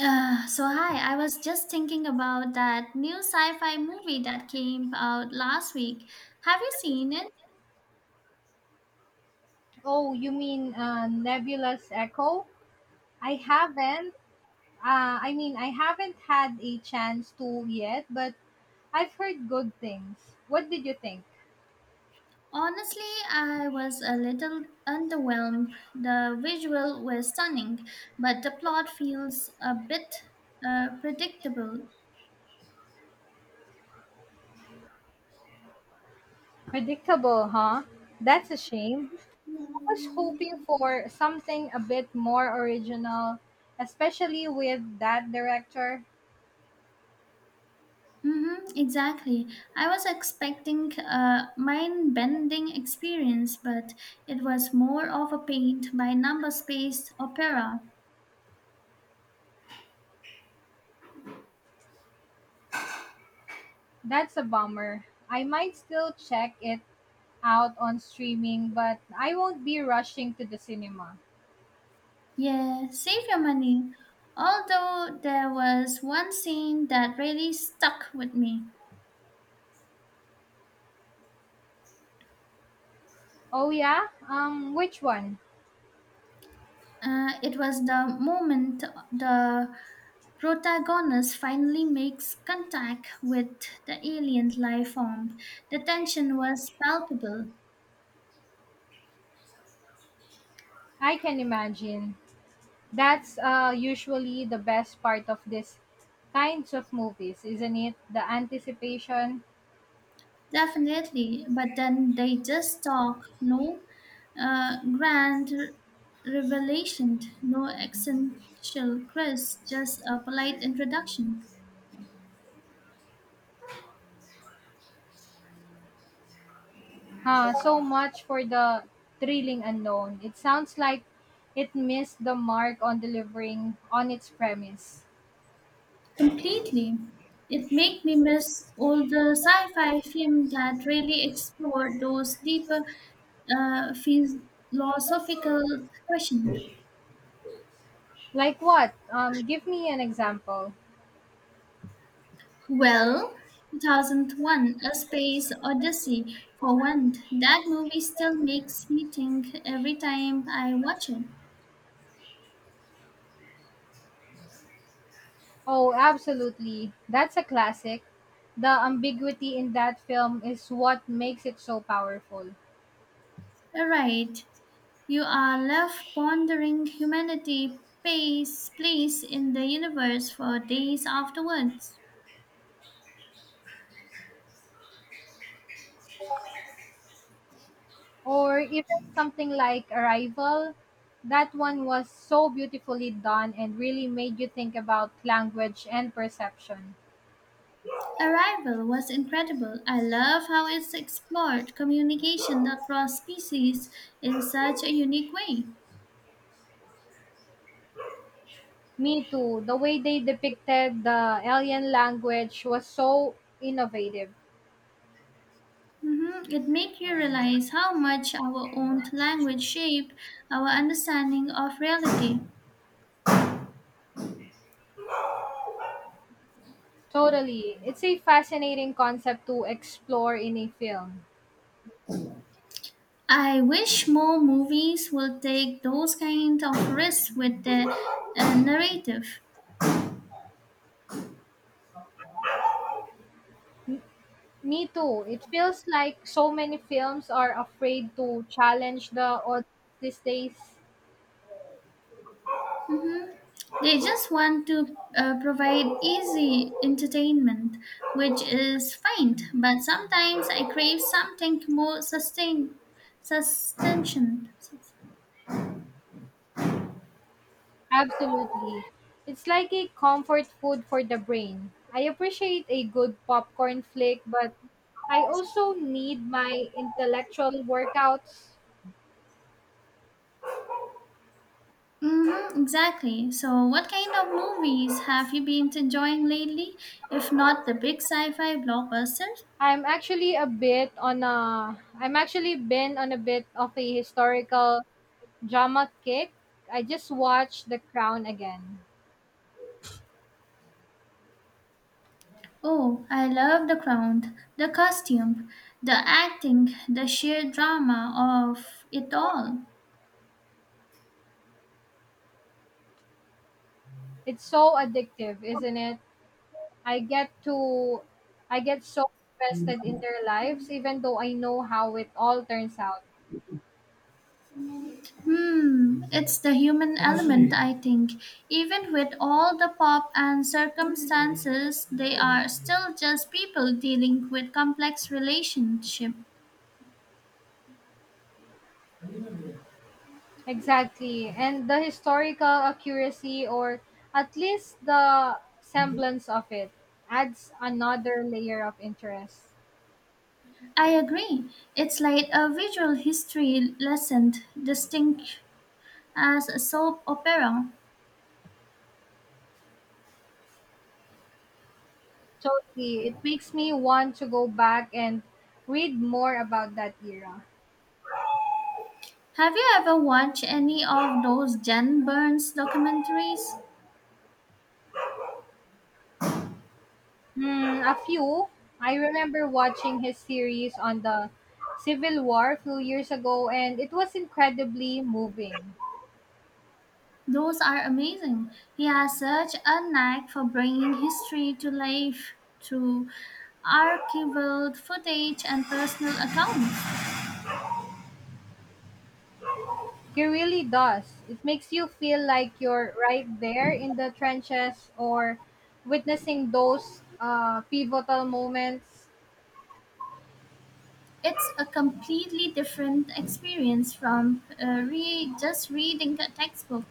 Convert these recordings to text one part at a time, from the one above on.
So hi, I was just thinking about that new sci-fi movie that came out last week. Have you seen it? Oh, you mean Nebulous Echo? I haven't. I haven't had a chance to yet, but I've heard good things. What did you think? Honestly, I was a little underwhelmed. The visual were stunning, but the plot feels a bit predictable. Predictable, huh? That's a shame. I was hoping for something a bit more original, especially with that director. Mm-hmm, exactly. I was expecting a mind-bending experience, but it was more of a paint by number space opera. That's a bummer. I might still check it out on streaming, but I won't be rushing to the cinema. Yeah, save your money. Although there was one scene that really stuck with me. Oh, yeah? Which one? It was the moment the protagonist finally makes contact with the alien life form. The tension was palpable, I can imagine. That's usually the best part of these kinds of movies, isn't it? The anticipation, definitely, but then they just talk, no grand revelation, no essential quest, just a polite introduction. huh? So much for the thrilling unknown. It sounds like it missed the mark on delivering on its premise. Completely. It made me miss all the sci-fi film that really explored those deeper philosophical questions. Like what? Give me an example. Well, 2001, A Space Odyssey, for one, that movie still makes me think every time I watch it. Oh, absolutely. That's a classic. The ambiguity in that film is what makes it so powerful. Right, you are left pondering humanity's place in the universe for days afterwards. Or even something like Arrival. That one was so beautifully done and really made you think about language and perception. Arrival was incredible. I love how it's explored communication across species in such a unique way. Me too. The way they depicted the alien language was so innovative. Mhm, it made you realize how much our own language shaped our understanding of reality. Totally. It's a fascinating concept to explore in a film. I wish more movies will take those kind of risks with their narrative. Me too. It feels like so many films are afraid to challenge the odds these days. They just want to provide easy entertainment, which is fine, but sometimes I crave something more sustention. Absolutely. It's like a comfort food for the brain. I appreciate a good popcorn flick, but I also need my intellectual workouts. Mm-hmm, exactly. So, what kind of movies have you been enjoying lately, if not the big sci fi blockbusters? I'm actually been on a bit of a historical drama kick. I just watched The Crown again. Oh, I love The Crown, the costume, the acting, the sheer drama of it all. It's so addictive, isn't it? I get to I get so invested in their lives even though I know how it all turns out. Hmm, it's the human element, I think. Even with all the pop and circumstances, they are still just people dealing with complex relationship. Exactly. And the historical accuracy, or at least the semblance of it, adds another layer of interest. I agree. It's like a visual history lesson, distinct as a soap opera. Totally. It makes me want to go back and read more about that era. Have you ever watched any of those Jen Burns documentaries? Hmm, a few. I remember watching his series on the Civil War a few years ago, and it was incredibly moving. Those are amazing. He has such a knack for bringing history to life through archival footage and personal accounts. He really does. It makes you feel like you're right there in the trenches or witnessing those pivotal moments. It's a completely different experience from just reading a textbook.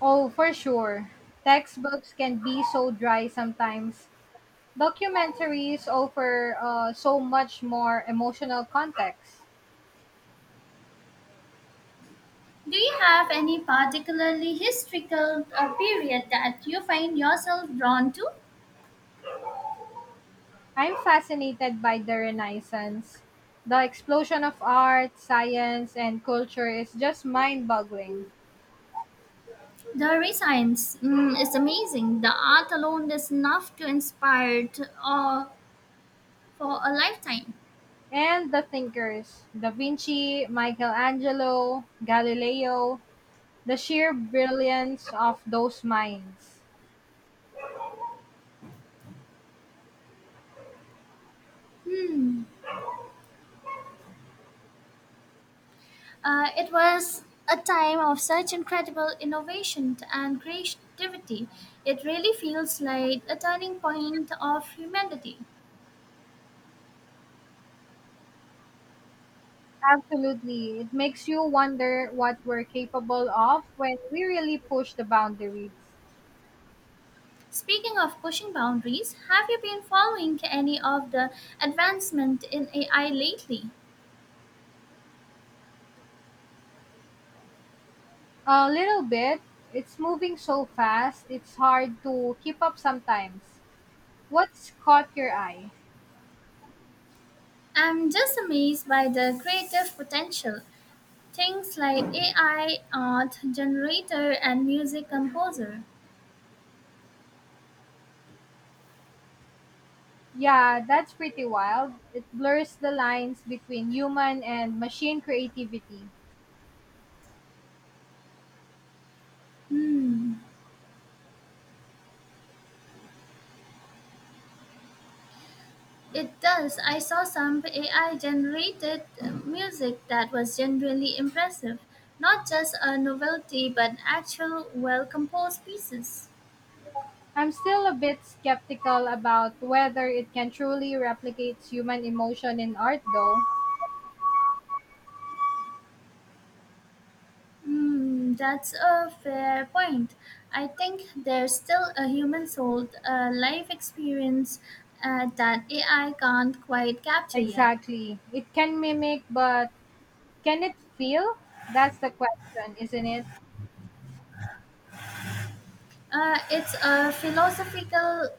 Oh, for sure. Textbooks can be so dry sometimes. Documentaries offer so much more emotional context. Do you have any particularly historical period that you find yourself drawn to? I'm fascinated by the Renaissance. The explosion of art, science, and culture is just mind boggling. The Renaissance mm, is amazing. The art alone is enough to inspire to, for a lifetime. And the thinkers Da Vinci, Michelangelo, Galileo, the sheer brilliance of those minds. Hmm. It was a time of such incredible innovation and creativity. It really feels like a turning point of humanity. Absolutely. It makes you wonder what we're capable of when we really push the boundaries. Speaking of pushing boundaries, have you been following any of the advancement in AI lately? A little bit. It's moving so fast, it's hard to keep up sometimes. What's caught your eye? I'm just amazed by the creative potential. Things like AI art generator and music composer. Yeah, that's pretty wild. It blurs the lines between human and machine creativity. Hmm. It does. I saw some AI generated music that was genuinely impressive. Not just a novelty, but actual well composed pieces. I'm still a bit skeptical about whether it can truly replicate human emotion in art, though. Hmm, that's a fair point. I think there's still a human soul, a life experience that AI can't quite capture yet. Exactly. It can mimic, but can it feel? That's the question, isn't it? It's a philosophical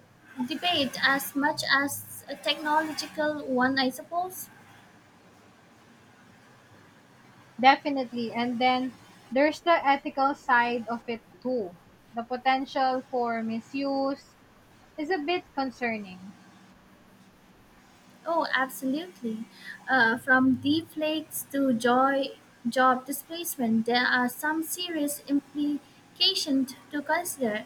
debate as much as a technological one, I suppose. Definitely. And then there's the ethical side of it, too. The potential for misuse is a bit concerning. Oh, absolutely. From deep flakes to joy, job displacement, there are some serious implications to consider.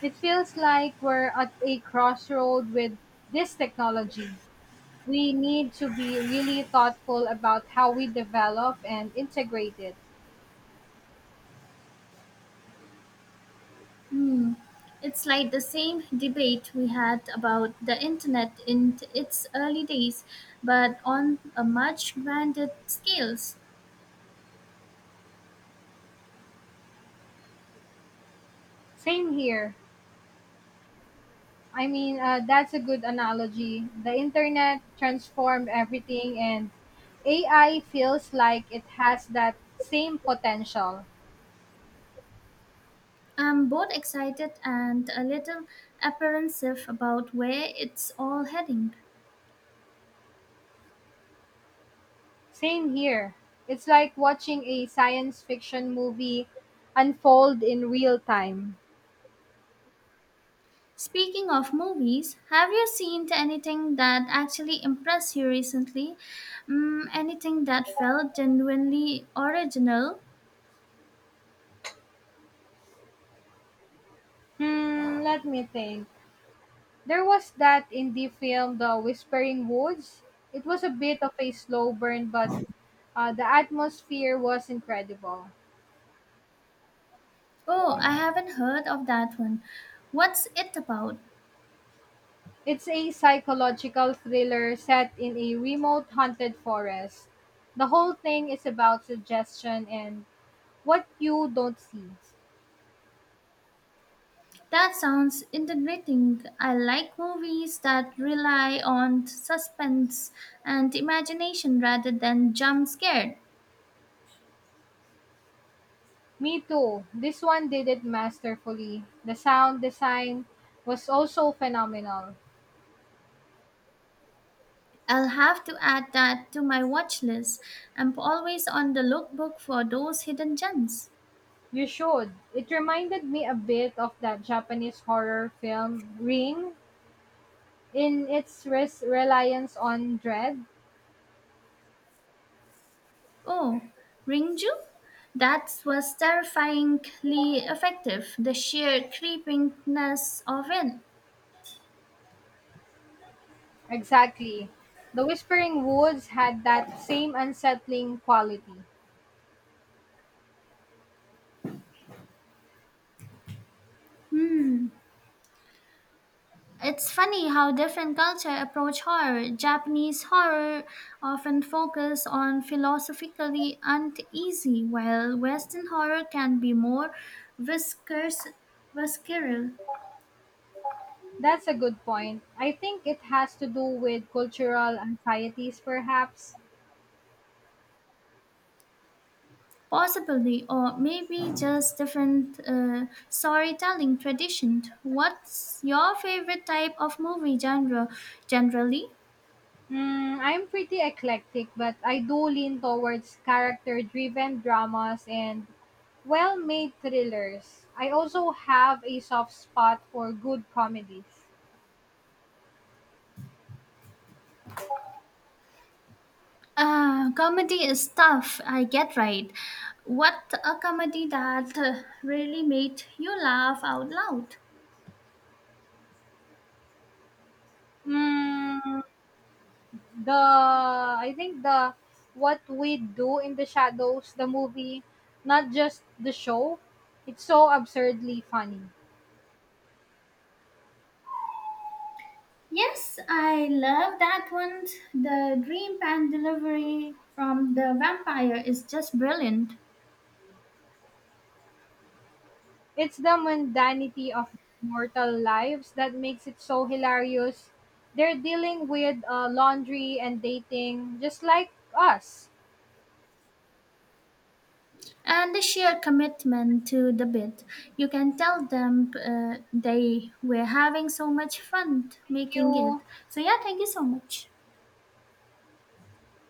It feels like we're at a crossroad with this technology. We need to be really thoughtful about how we develop and integrate it. Hmm. It's like the same debate we had about the internet in its early days, but on a much grander scales. Same here. That's a good analogy. The internet transformed everything, and AI feels like it has that same potential. I'm both excited and a little apprehensive about where it's all heading. Same here. It's like watching a science fiction movie unfold in real time. Speaking of movies, have you seen anything that actually impressed you recently? Mm, anything that felt genuinely original? Hmm, let me think. There was that indie film, The Whispering Woods. It was a bit of a slow burn, but the atmosphere was incredible. Oh, I haven't heard of that one. What's it about? It's a psychological thriller set in a remote haunted forest. The whole thing is about suggestion and what you don't see. That sounds intriguing. I like movies that rely on suspense and imagination rather than jump scared. Me too. This one did it masterfully. The sound design was also phenomenal. I'll have to add that to my watch list. I'm always on the lookbook for those hidden gems. You should. It reminded me a bit of that Japanese horror film Ring in its reliance on dread. Oh, Ringju? That was terrifyingly effective, the sheer creepiness of it. Exactly. The Whispering Woods had that same unsettling quality. It's funny how different cultures approach horror. Japanese horror often focus on philosophically uneasy, while Western horror can be more viscous, visceral. That's a good point. I think it has to do with cultural anxieties, perhaps. Possibly, or maybe just different storytelling tradition. What's your favorite type of movie genre generally? Mm, I'm pretty eclectic, but I do lean towards character driven dramas and well made thrillers. I also have a soft spot for good comedies. Comedy is tough, I get right. What a comedy that really made you laugh out loud. Mm, The I think the What We Do in the Shadows, the movie, not just the show, it's so absurdly funny. Yes, I love that one. The dream pan delivery from the vampire is just brilliant. It's the mundanity of mortal lives that makes it so hilarious. They're dealing with laundry and dating just like us. And the sheer commitment to the bit. You can tell them they were having so much fun Thank making it. you. So, yeah, thank you so much.